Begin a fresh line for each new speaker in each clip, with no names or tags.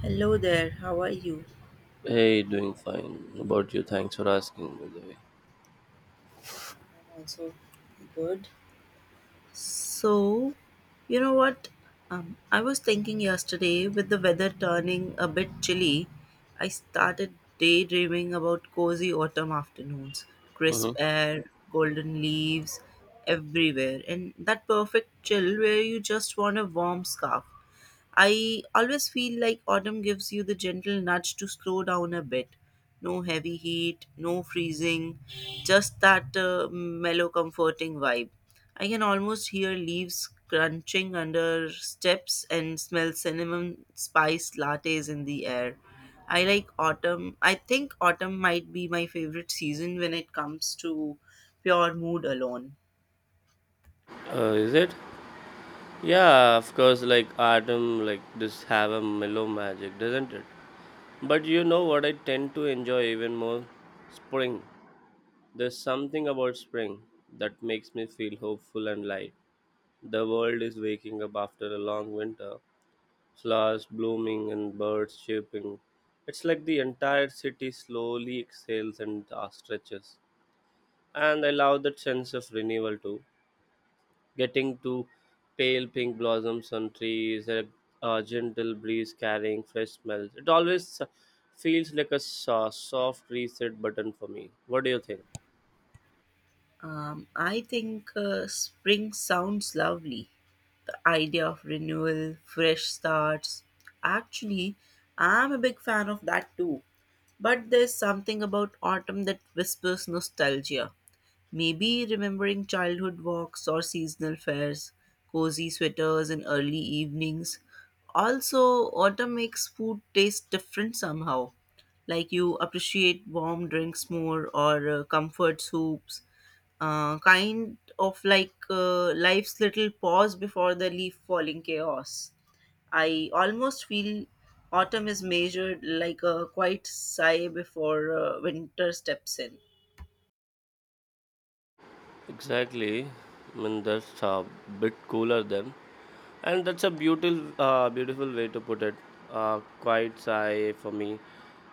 Hello there, how are you?
Hey, doing fine. How about you, thanks for asking. By the way,
I'm also good. So, you know what? I was thinking yesterday with the weather turning a bit chilly, I started daydreaming about cozy autumn afternoons,
hmm
crisp air, golden leaves everywhere, and that perfect chill where you just want a warm scarf. I always feel like autumn gives you the gentle nudge to slow down a bit. No heavy heat, no freezing, just that mellow, comforting vibe. I can almost hear leaves crunching under steps and smell cinnamon spice lattes in the air. I like autumn. I think autumn might be my favorite season when it comes to pure mood alone.
is it? Yeah, of course. Like autumn, like just have a mellow magic, doesn't it? But you know what? I tend to enjoy even more spring. There's something about spring that makes me feel hopeful and light. The world is waking up after a long winter. Flowers blooming and birds chirping. It's like the entire city slowly exhales and stretches. And I love that sense of renewal too. Getting to pale pink blossoms on trees, a gentle breeze carrying fresh smells. It always feels like a soft reset button for me. What do you think?
I think spring sounds lovely. The idea of renewal, fresh starts. Actually, I'm a big fan of that too. But there's something about autumn that whispers nostalgia. Maybe remembering childhood walks or seasonal fairs, cozy sweaters in early evenings. Also, autumn makes food taste different somehow, like you appreciate warm drinks more or comfort soups, kind of like life's little pause before the leaf falling chaos. I almost feel autumn is measured like a quiet sigh before winter steps in.
Exactly. I mean, that's a bit cooler then. And that's a beautiful way to put it. Quite sigh for me.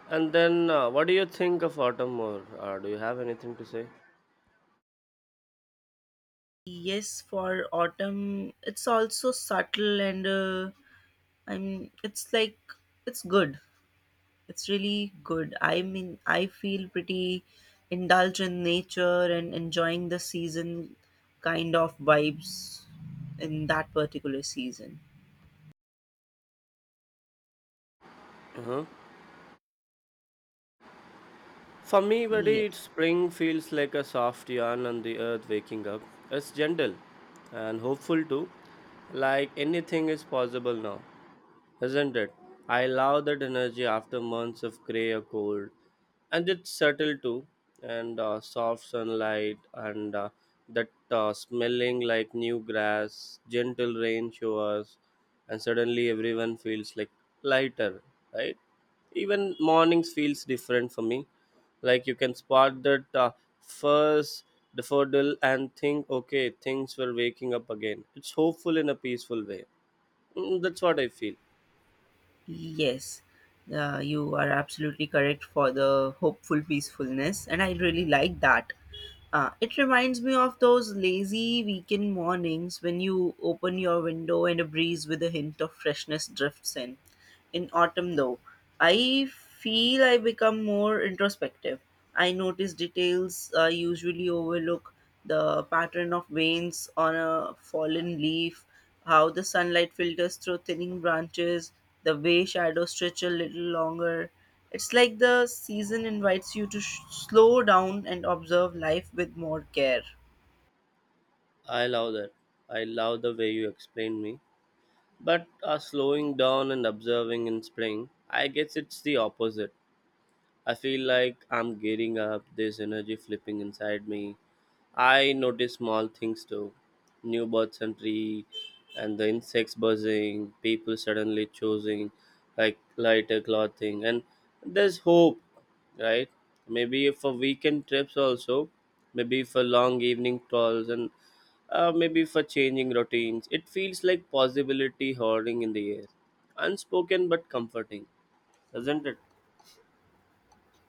And then, what do you think of autumn more? Do you have anything to say?
Yes, for autumn, it's also subtle and I'm. It's like it's good. It's really good. I mean, I feel pretty indulge in nature and enjoying the season, kind of vibes in that particular season.
Uh-huh. For me, buddy, it's
Yes.
spring feels like a soft yawn on the earth waking up. It's gentle and hopeful too, like anything is possible now. Isn't it? I love that energy after months of gray or cold. And it's subtle too, and soft sunlight, and that smelling like new grass, gentle rain showers, and suddenly everyone feels like lighter, right? Even mornings feels different for me. Like you can spot that first daffodil and think, okay, things were waking up again. It's hopeful in a peaceful way. Mm, that's what I feel.
Yes, you are absolutely correct for the hopeful peacefulness, and I really like that. It reminds me of those lazy weekend mornings when you open your window and a breeze with a hint of freshness drifts in. In autumn, though, I feel I become more introspective. I notice details I usually overlook, the pattern of veins on a fallen leaf, how the sunlight filters through thinning branches, the way shadows stretch a little longer. It's like the season invites you to slow down and observe life with more care.
I love that. I love the way you explained me. But slowing down and observing in spring, I guess it's the opposite. I feel like I'm gearing up, this energy flipping inside me, I notice small things too. New bird entry, and the insects buzzing, people suddenly choosing like lighter clothing and there's hope, right? Maybe for weekend trips also, maybe for long evening calls and maybe for changing routines. It feels like possibility hoarding in the air. Unspoken but comforting, doesn't it?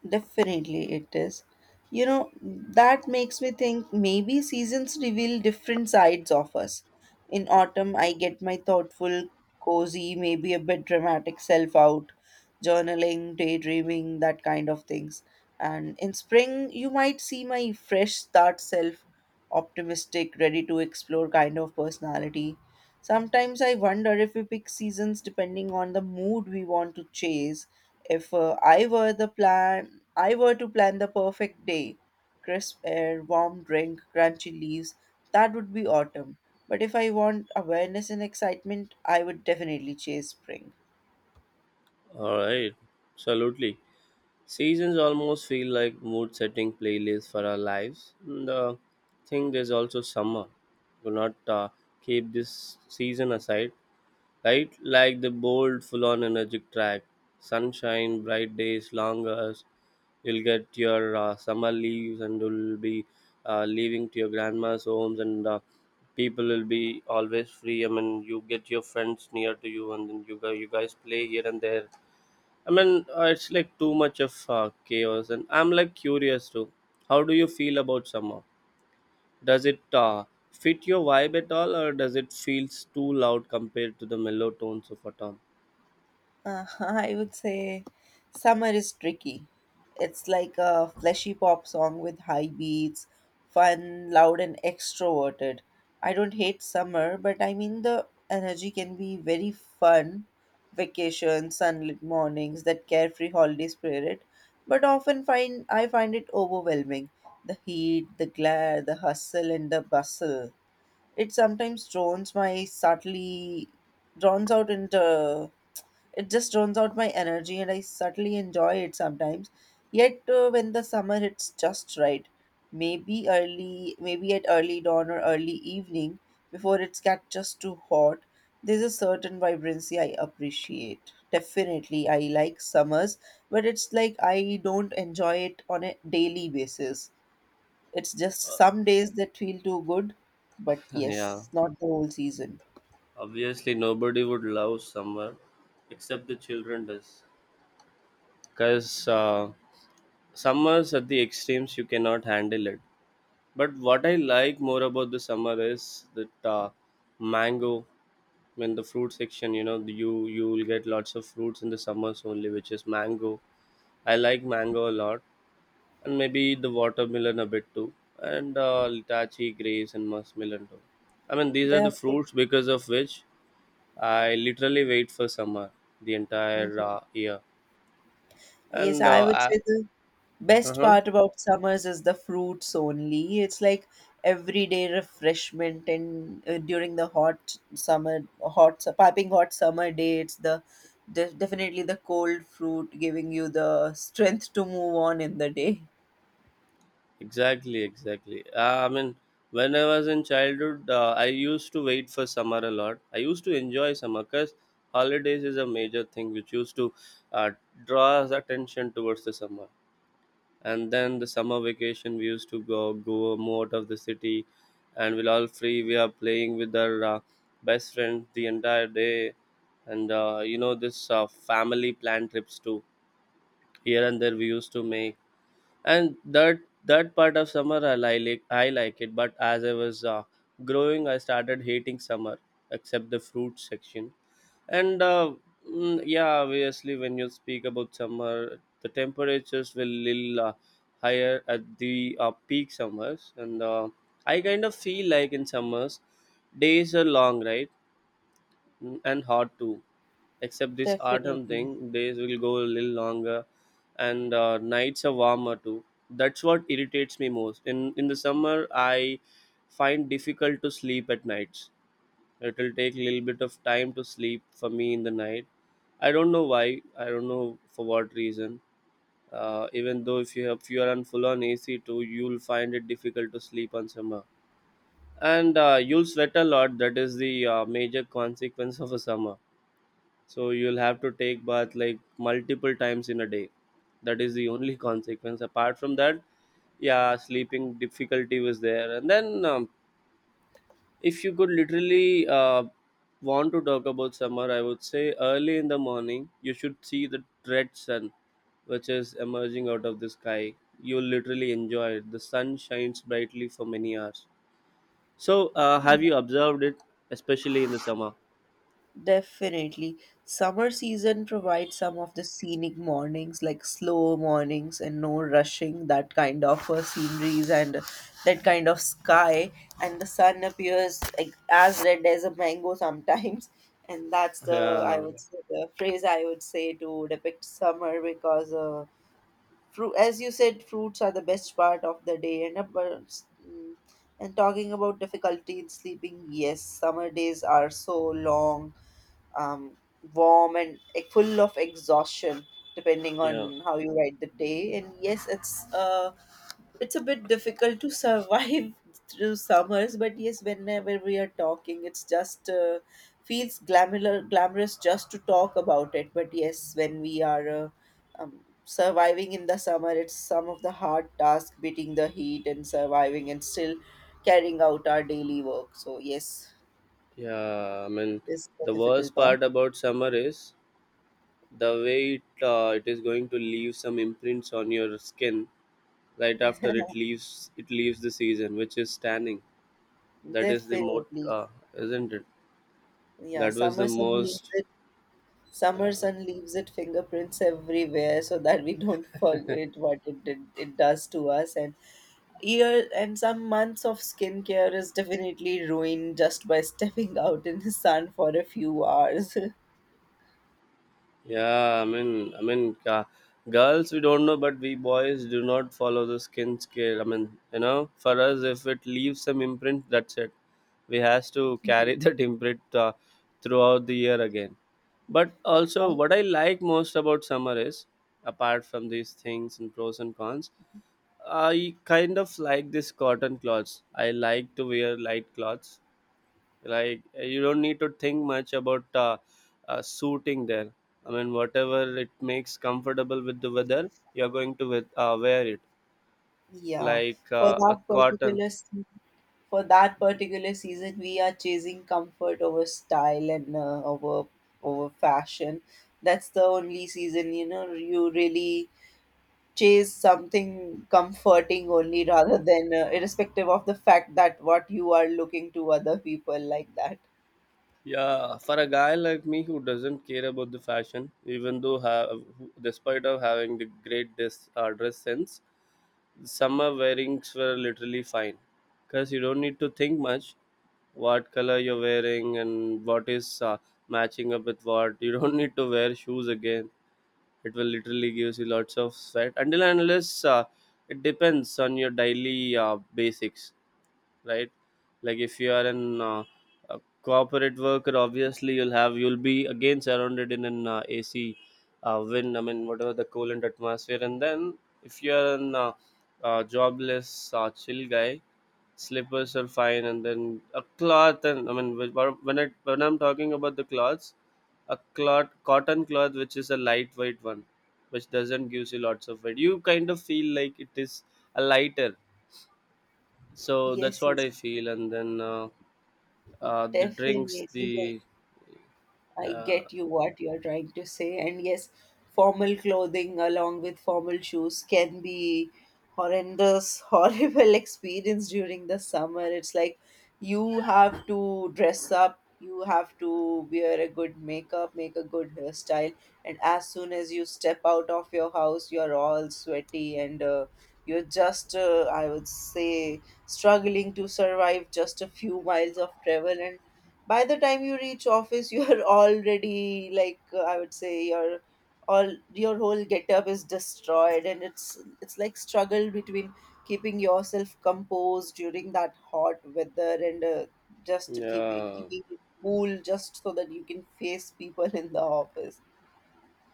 Definitely it is. You know, that makes me think maybe seasons reveal different sides of us. In autumn, I get my thoughtful, cozy, maybe a bit dramatic self out, journaling, daydreaming, that kind of things. And in spring, you might see my fresh start self, optimistic, ready to explore, kind of personality. Sometimes I wonder if we pick seasons depending on the mood we want to chase. If I were the plan, I were to plan the perfect day, crisp air, warm drink, crunchy leaves, that would be autumn. But if I want awareness and excitement, I would definitely chase spring.
Alright, absolutely. Seasons almost feel like mood setting playlists for our lives. The thing there's also summer. Do not keep this season aside, right? Like the bold, full on energetic track. Sunshine, bright days, long hours. You'll get your summer leaves and you'll be leaving to your grandma's homes, and people will be always free. I mean, you get your friends near to you, and then you guys play here and there. I mean, it's like too much of chaos, and I'm like curious too. How do you feel about summer? Does it fit your vibe at all, or does it feels too loud compared to the mellow tones of autumn?
I would say summer is tricky. It's like a fleshy pop song with high beats, fun, loud, and extroverted. I don't hate summer, but I mean the energy can be very fun. Vacation, sunlit mornings, that carefree holiday spirit, but often find it overwhelming. The heat, the glare, the hustle, and the bustle. It sometimes drowns my subtly drowns out into it just drowns out my energy, and I subtly enjoy it sometimes. Yet when the summer hits just right, maybe at early dawn or early evening, before it's get just too hot, there's a certain vibrancy I appreciate. Definitely, I like summers, but it's like I don't enjoy it on a daily basis. It's just some days that feel too good, but
Yeah,
yes, not the whole season.
obviously nobody would love summer, except the children does, because summers at the extremes you cannot handle it. But what I like more about the summer is that mango. I mean, the fruit section. You know, you will get lots of fruits in the summers only, which is mango. I like mango a lot, and maybe the watermelon a bit too, and litachi, grapes, and muskmelon too. I mean, these are the
Definitely.
fruits because of which I literally wait for summer the entire
Mhm.
year.
Yes,
And
I would say the
uh
best
huh.
part about summers is the fruits only. It's like everyday refreshment, and during the hot summer, piping hot summer day, it's the definitely the cold fruit giving you the strength to move on in the day.
Exactly, exactly. I mean, when I was in childhood, I used to wait for summer a lot. I used to enjoy summer because holidays is a major thing which used to uh, draw us attention towards the summer. And then the summer vacation, we used to go more out of the city, and we're all free. We are playing with our best friends the entire day, and you know this family plan trips too. Here and there, we used to make and that part of summer I like it. But as I was growing I started hating summer except the fruit section, and mm, yeah, obviously when you speak about summer the temperatures will little higher at the peak summers and I kind of feel like in summers days are long, right? Mm, and hot too. Except this autumn
Definitely.
thing, days will go a little longer and nights are warmer too. That's what irritates me most. In the summer, I find difficult to sleep at nights. It will take a little bit of time to sleep for me in the night. I don't know why. I don't know for what reason. Even though if you are on full on AC too, you'll find it difficult to sleep on summer, and you'll sweat a lot. That is the major consequence of a summer. So you'll have to take bath like multiple times in a day. That is the only consequence. Apart from that, yeah, sleeping difficulty was there. And then if you could literally want to talk about summer, I would say early in the morning you should see the red sun which is emerging out of the sky. You'll literally enjoy it. The sun shines brightly for many hours. So have you observed it, especially in the summer?
Definitely. Summer season provides some of the scenic mornings, like slow mornings and no rushing, that kind of sceneries and that kind of sky. And the sun appears like as red as a mango sometimes. And that's the, I
Yeah,
would say, the phrase I would say to depict summer, because fruit, as you said, fruits are the best part of the day. And about, mm, and talking about difficulty in sleeping, yes, summer days are so long, um, warm and, like, full of exhaustion depending
yeah.
on how you ride the day. And yes, it's a bit difficult to survive through summers. But yes, whenever we are talking, it's just feels glamour glamorous just to talk about it. But yes, when we are surviving in the summer, it's some of the hard task beating the heat and surviving, and still carrying out our daily work. So yes,
Yeah, I mean,
it's the
the worst
difficult part.
part about summer is the way it is going to leave some imprints on your skin right after it leaves the season, which is tanning. That is the most,
Definitely.
isn't it?
Yeah,
That was the most.
summer sun leaves it fingerprints everywhere, so that we don't forget what it does to us. And year and some months of skincare is definitely ruined just by stepping out in the sun for a few hours.
Yeah, I mean, girls we don't know, but we boys do not follow the skin scale. I mean, you know, for us, if it leaves some imprint, that's it. We has to
Mhm.
carry that imprint throughout the year again. But also, what I like most about summer is, apart from these things and pros and cons, I kind of like this cotton clothes. I like to wear light clothes, like you don't need to think much about suiting there. I mean whatever it makes comfortable with the weather you're going to with, wear it,
Yeah.
like
For
a
that
cotton.
particular for that particular season, we are chasing comfort over style and over fashion. That's the only season, you know, you really chase something comforting only, rather than irrespective of the fact that what you are looking to other people like that.
Yeah, for a guy like me who doesn't care about the fashion, even though have despite of having the great dress sense, summer wearings were literally fine because you don't need to think much what color you're wearing and what is matching up with what. You don't need to wear shoes again. It will literally gives you lots of sweat until and unless uh, it depends on your daily basics, right? Like if you are an uh, a corporate worker, obviously you'll be again surrounded in an AC wind, I mean whatever the coolant atmosphere. And then if you're an jobless chill guy, slippers are fine, and then a cloth. And I mean, when I'm talking about the cloths, a cloth, cotton cloth, which is a lightweight one, which doesn't gives you lots of weight. You kind of feel like it is a lighter. So that's
Yes,
what
yes,
I feel. And then the drinks,
definitely.
the,
I
yeah,
get you what you're trying to say. And yes, formal clothing along with formal shoes can be horrendous, horrible experience during the summer. It's like you have to dress up, you have to wear a good makeup, make a good hairstyle. And as soon as you step out of your house, you're all sweaty, and you're just, I would say, struggling to survive just a few miles of travel. And by the time you reach office, you are already, like, I would say, your all your whole getup is destroyed. And it's like struggle between keeping yourself composed during that hot weather, and just keeping
yeah,
keeping it cool just so that you can face people in the office.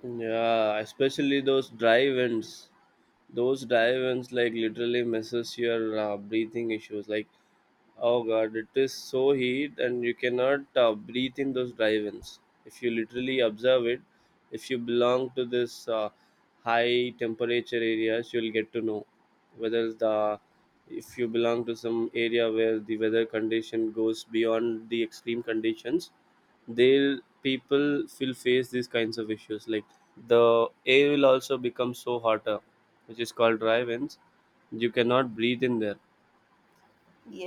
yeah. Especially those dry winds. Those dry winds like literally messes your breathing issues. Like, oh god, it is so heat, and you cannot breathe in those drive-ins. If you literally observe it, if you belong to this high temperature areas, you'll get to know whether the if you belong to some area where the weather condition goes beyond the extreme conditions, they'll people will face these kinds of issues. Like the air will also become so hotter, which is called drive-ins. You cannot breathe in there,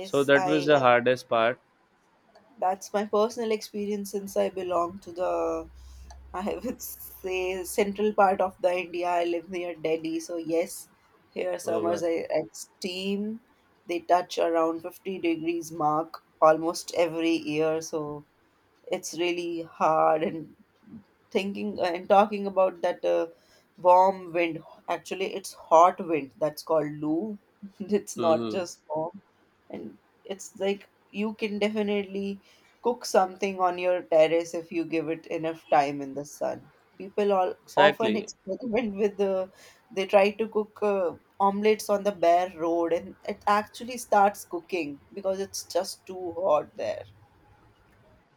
so that was
I
the hardest part.
That's my personal experience, since I belong to the, I would say, central part of the India. I live near Delhi. So, yes, here
Oh
summers
God.
are extreme. They touch around 50 degrees mark almost every year. So, it's really hard. And thinking and talking about that warm wind, actually it's hot wind, that's called loo, it's not
Mm-hmm.
just warm. And it's like you can definitely cook something on your terrace if you give it enough time in the sun. People all often
Exactly.
experiment with the they try to cook omelets on the bare road, and it actually starts cooking because it's just too hot there.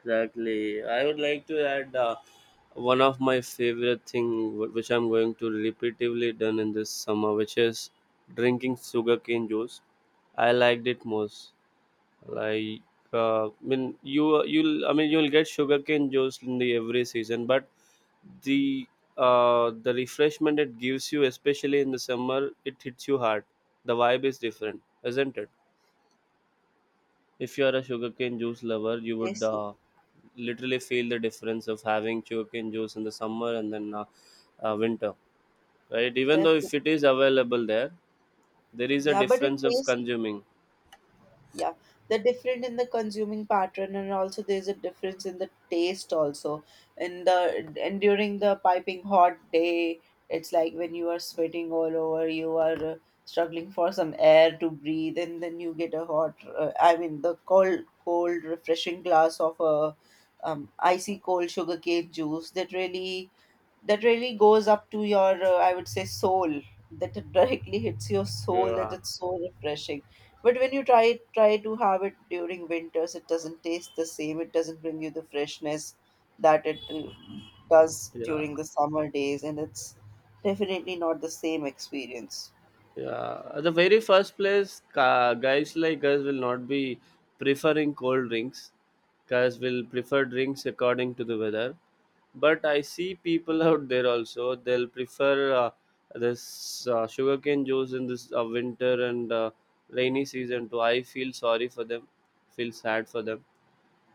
Exactly. I would like to add one of my favorite thing, which I'm going to repeatedly done in this summer, which is drinking sugarcane juice. I liked it most. Like, I mean, you you'll I mean you'll get sugarcane juice in the every season, but the the refreshment it gives you, especially in the summer, it hits you hard. The vibe is different, isn't it? If you are a sugarcane juice lover, you would
Yes, yes,
literally feel the difference of having sugarcane juice in the summer and then winter, right? Even though if
definitely.
it is available there, there is a
Yeah, but it
difference of
tastes,
consuming.
yeah, they're different in the consuming pattern, and also there's a difference in the taste also, in the and during the piping hot day. It's like when you are sweating all over, you are struggling for some air to breathe, and then you get a hot I mean the cold refreshing glass of a, icy cold sugarcane juice, that really, that really goes up to your, I would say, soul, that it directly hits your soul, that
Yeah,
it's so refreshing. But when you try to have it during winters, it doesn't taste the same, it doesn't bring you the freshness that it does
yeah.
during the summer days. And it's definitely not the same experience.
Yeah, at the very first place, ca guys like us will not be preferring cold drinks. Guys will prefer drinks according to the weather. But I see people out there also, they'll prefer this sugarcane juice in this winter and rainy season too. I feel sorry for them, feel sad for them.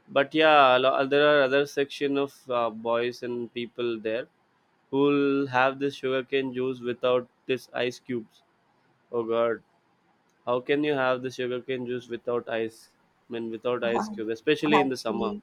But yeah, there are other section of boys and people there who'll have this sugarcane juice without this ice cubes. Oh God, how can you have the sugarcane juice without ice? I mean, without ice cube, especially in the summer.
Actually,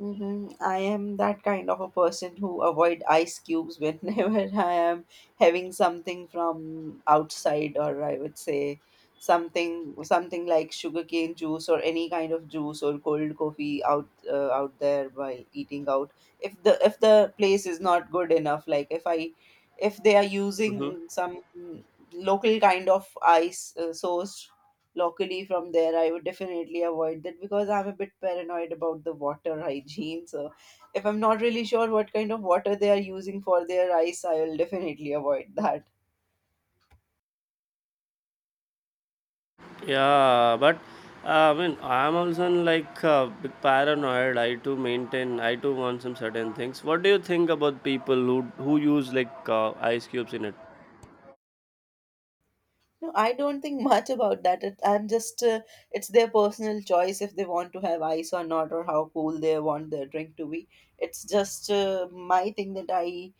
mm-hmm. I am that kind of a person who avoid ice cubes whenever I am having something from outside, or I would say something like sugarcane juice or any kind of juice or cold coffee out, out there while eating out. If the place is not good enough, like if I, if they are
Hmm.
using some local kind of ice, source locally from there, I would definitely avoid that because I'm a bit paranoid about the water hygiene. So if I'm not really sure what kind of water they are using for their ice, I will definitely avoid that.
Yeah, but I mean, I'm also like a bit paranoid. I too maintain, I too want some certain things. What do you think about people who who use ice cubes in it?
No i don't think much about that it, I'm just it's their personal choice if they want to have ice or not, or how cool they want their drink to be. It's just my thing, that i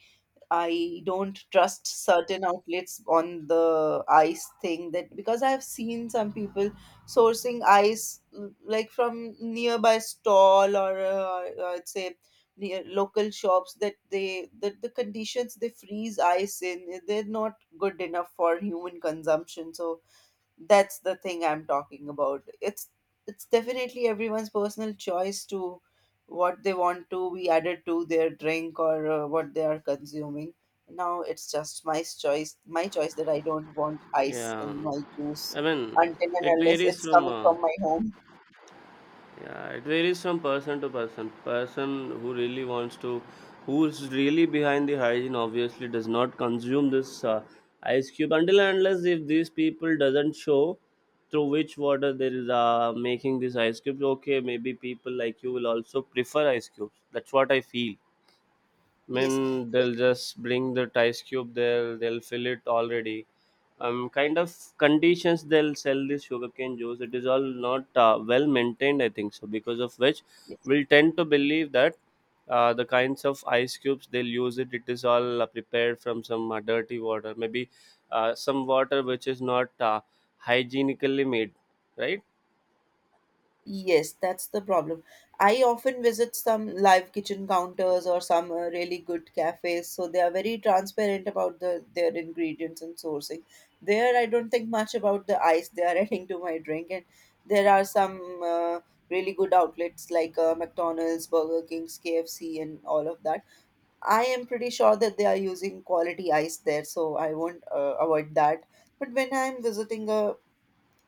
I don't trust certain outlets on the ice thing, that because I have seen some people sourcing ice, like from nearby stall or I'd say near local shops, that the conditions they freeze ice in, they're not good enough for human consumption. So that's the thing I'm talking about. It's definitely everyone's personal choice to what they want to be added to their drink, or what they are consuming now. It's just my choice that I don't want ice
Yeah,
in my juice,
I mean,
until
it
and unless
varies
it's
from
coming from my home.
Yeah, it varies from person to person. Person who really wants to, who's really behind the hygiene, obviously does not consume this ice cube until and unless if these people doesn't show through which water there is making this ice cubes. Okay, maybe people like you will also prefer ice cubes. That's what I feel. I
Yes,
mean, they'll just bring that ice cube there. They'll fill it already, kind of conditions they'll sell this sugarcane juice. It is all not well maintained, I think so, because of which we'll tend to believe that the kinds of ice cubes they'll use it, it is all prepared from some dirty water, maybe some water which is not hygienically made, right?
yes, that's the problem. I often visit some live kitchen counters or some really good cafes, so they are very transparent about their ingredients and sourcing. There, I don't think much about the ice they are adding to my drink, and there are some really good outlets like McDonald's, Burger King's, KFC, and all of that. I am pretty sure that they are using quality ice there, so I won't avoid that. But when I'm visiting a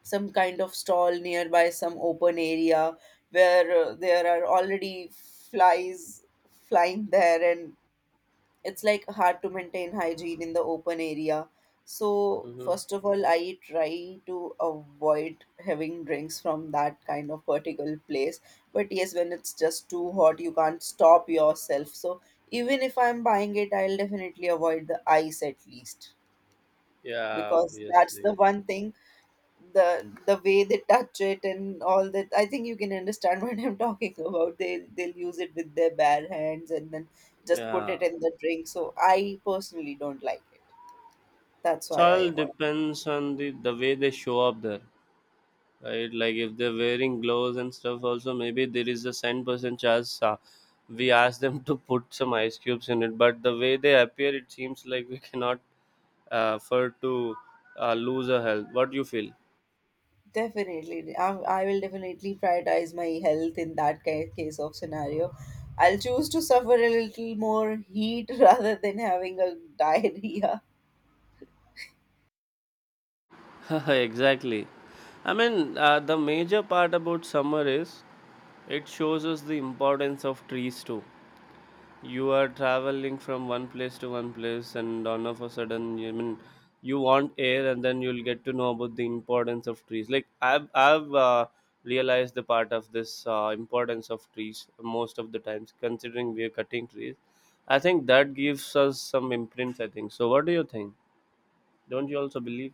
some kind of stall nearby some open area where there are already flies flying there, and it's like hard to maintain hygiene in the open area, so
Mm-hmm.
first of all I try to avoid having drinks from that kind of particular place. But yes, when it's just too hot, you can't stop yourself, so even if I'm buying it, I'll definitely avoid the ice at least,
Yeah,
because that's the
obviously.
one thing. The way they touch it and all that, I think you can understand what I'm talking about. They'll use it with their bare hands and then just put it
Yeah,
in the drink, so I personally don't like it. That's
it
why I
all
avoid.
depends on the way they show up there, right? Like if they're wearing gloves and stuff, also maybe there is a 10% chance we ask them to put some ice cubes in it. But the way they appear, it seems like we cannot afford to lose our health. What do you feel?
definitely i, I will definitely prioritize my health in that case of scenario. I'll choose to suffer a little more heat rather than having a diarrhea.
Exactly. I mean, the major part about summer is it shows us the importance of trees too. You are traveling from one place to one place, and all of a sudden you, I mean, you want air, and then you'll get to know about the importance of trees. Like I've realized the part of this importance of trees most of the times, considering we are cutting trees. I think that gives us some imprints, I think so. What do you think? Don't you also believe?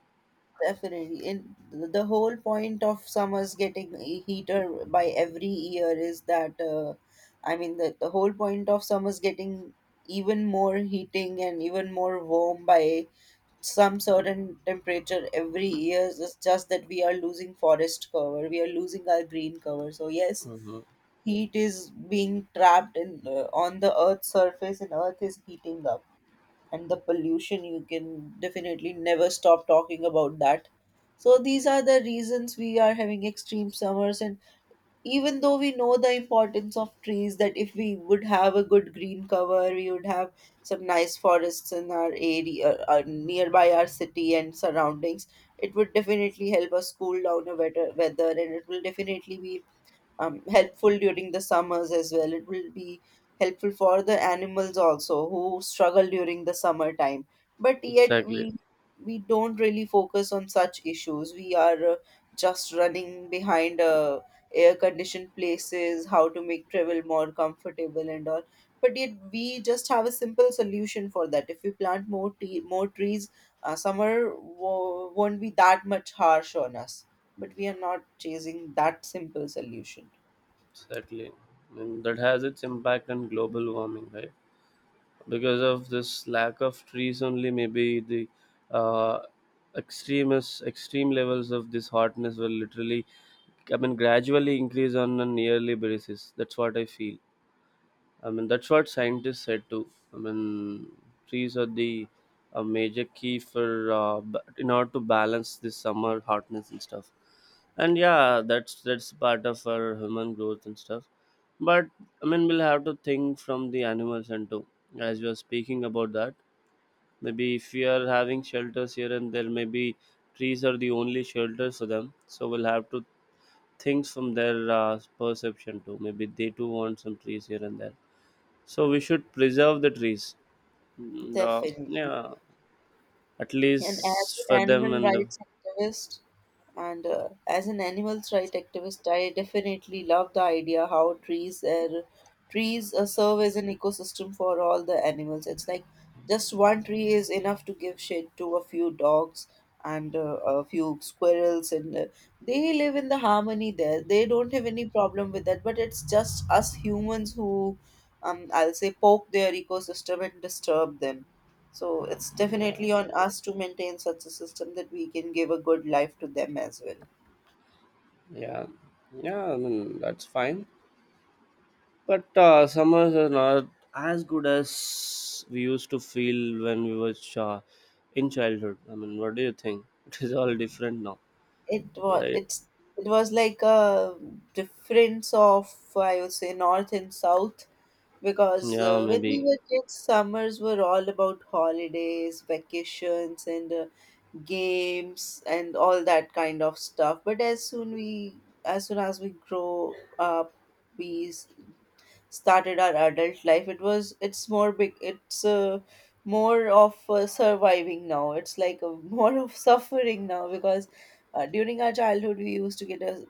Definitely. The whole point of summers getting heater by every year is that, I mean, the whole point of summers getting even more heating and even more warm by some certain temperature every year is just that we are losing forest cover, we are losing our green cover. So, yes,
Hmm.
heat is being trapped in on the earth's surface, and earth is heating up, and the pollution, you can definitely never stop talking about that. So these are the reasons we are having extreme summers. And even though we know the importance of trees, that if we would have a good green cover, we would have some nice forests in our area nearby our city and surroundings, it would definitely help us cool down a better weather, and it will definitely be helpful during the summers as well. It will be helpful for the animals also, who struggle during the summer time. But yet
Exactly.
we don't really focus on such issues. We are just running behind air conditioned places, how to make travel more comfortable and all. But yet we just have a simple solution for that. If we plant more tree, more trees, summer won't be that much harsh on us. But we are not chasing that simple solution.
Exactly. And that has its impact on global warming, right? Because of this lack of trees only, maybe the uh, extremist extreme levels of this hotness will literally, I mean, gradually increase on a yearly basis. That's what I feel. I mean, that's what scientists said too. I mean, trees are the a major key for in order to balance this summer hotness and stuff. And yeah, that's part of our human growth and stuff. But I mean, we'll have to think from the animals and too. As we are speaking about that, maybe if we are having shelters here and there, maybe trees are the only shelters for them. So we'll have to think from their perception too. Maybe they too want some trees here and there, so we should preserve the trees. Mm, the
Definitely.
yeah, at
And as
least for
an
them
animal
and the
rights activist, and as an animal's rights activist, I definitely love the idea how trees serve as an ecosystem for all the animals. It's like just one tree is enough to give shade to a few dogs and a few squirrels, and they live in the harmony there. They don't have any problem with that. But it's just us humans who, I'll say, poke their ecosystem and disturb them, so it's
yeah,
definitely on us to maintain such a system that we can give a good life to them as well.
yeah, yeah, I mean, that's fine. But summers are not as good as we used to feel when we were in childhood. I mean, what do you think? It is all different now,
It was
right?
it's it was like a difference of, I would say, north and south, because
Yeah,
when we
maybe.
were kids, summers were all about holidays, vacations, and games and all that kind of stuff. But as soon as we grow up, we s- started our adult life. It's more big, it's more of surviving now. It's like a, more of suffering now, because during our childhood we used to get a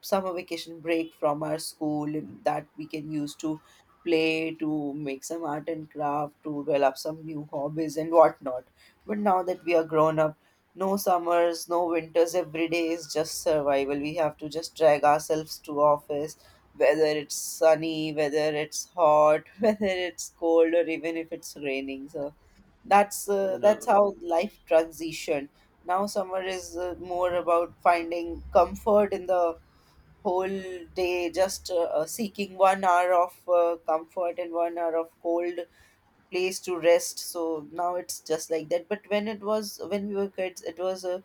summer vacation break from our school, and that we can use to play, to make some art and craft, to develop some new hobbies and whatnot. But now that we are grown up, no summers, no winters, every day is just survival. We have to just drag ourselves to office, whether it's sunny, whether it's hot, whether it's cold, or even if it's raining. So
Yeah.
that's how life transition. Now summer is more about finding comfort in the whole day, just seeking 1 hour of comfort and 1 hour of cold place to rest. So now it's just like that. But when it was when we were kids, it was a,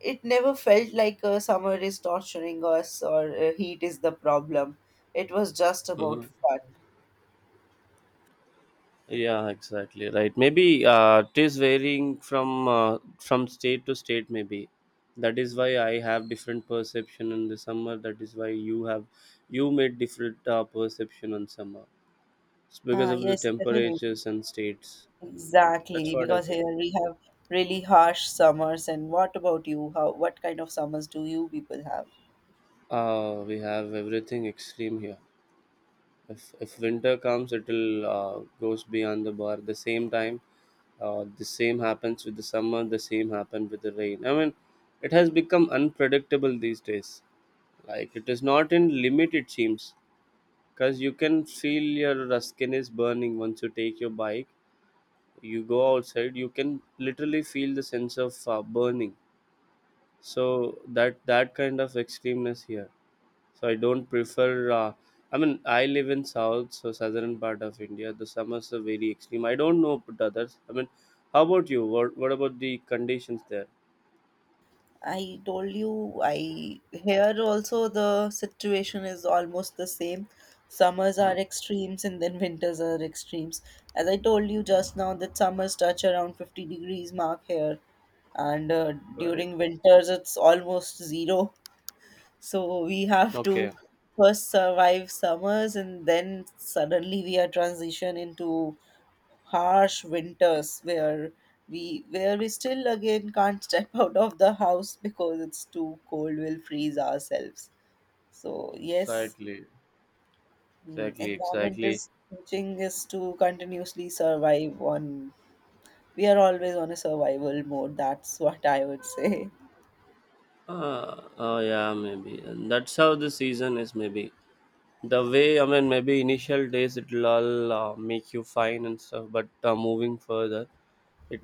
it never felt like summer is torturing us, or heat is the problem. It was just about
Mhm.
fun.
Yeah, exactly, right. Maybe it is varying from state to state. Maybe that is why I have different perception in the summer. That is why you have you made different perception on summer. It's because
Ah,
of the
yes, definitely.
temperatures and states. And that's
Exactly,
what I
because
feel.
here we have really harsh summers. And what about you? How, what kind of summers do you people have?
We have everything extreme here. If winter comes, it will goes beyond the bar. The same time, the same happens with the summer, the same happen with the rain. I mean, it has become unpredictable these days. Like, it is not in limit, it seems, because you can feel your skin is burning. Once you take your bike, you go outside, you can literally feel the sense of burning. So that that kind of extremeness here, so I don't prefer. I mean, I live in south, so southern part of India. The summers are very extreme. I don't know about others. I mean, how about you? What about the conditions there?
I told you, I here also the situation is almost the same. Summers are extremes and then winters are extremes. As I told you just now, that summers touch around 50 degrees mark here, and
Right.
during winters it's almost zero. So we have to
Okay.
first survive summers, and then suddenly we are transition into harsh winters, where we still again can't step out of the house, because it's too cold, we'll freeze ourselves. So yes,
Exactly.
mm,
Exactly.
environment
Exactly.
is teaching us to continuously survive on, we are always on a survival mode, that's what I would say.
Oh yeah, maybe. And that's how the season is. Maybe the way, I mean, maybe initial days it'll all make you fine and stuff. But moving further,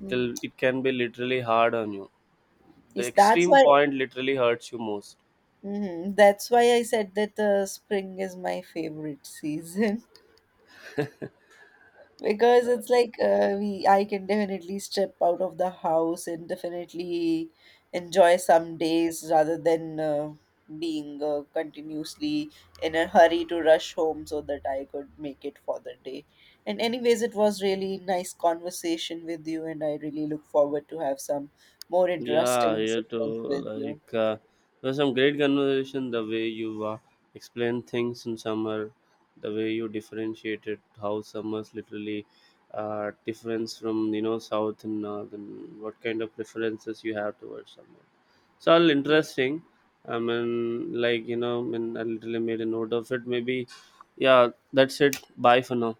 Mhm.
it can be literally hard on you. The
Yes, that's
extreme
why.
point literally hurts you most.
Mhm, that's why I said that spring is my favorite season, because it's like we I can definitely step out of the house and definitely enjoy some days rather than being continuously in a hurry to rush home so that I could make it for the day. And anyways, it was really nice conversation with you, and I really look forward to have some more
Yeah,
interesting
here to
sessions with you.
like there's some great conversation. The way you explain things in summer, the way you differentiated how summers literally difference from, you know, south and north, and what kind of preferences you have towards summer. It's all
Yeah.
interesting. I mean, like, you know, I mean, I literally made a note of it. Maybe, yeah, that's it. Bye for now.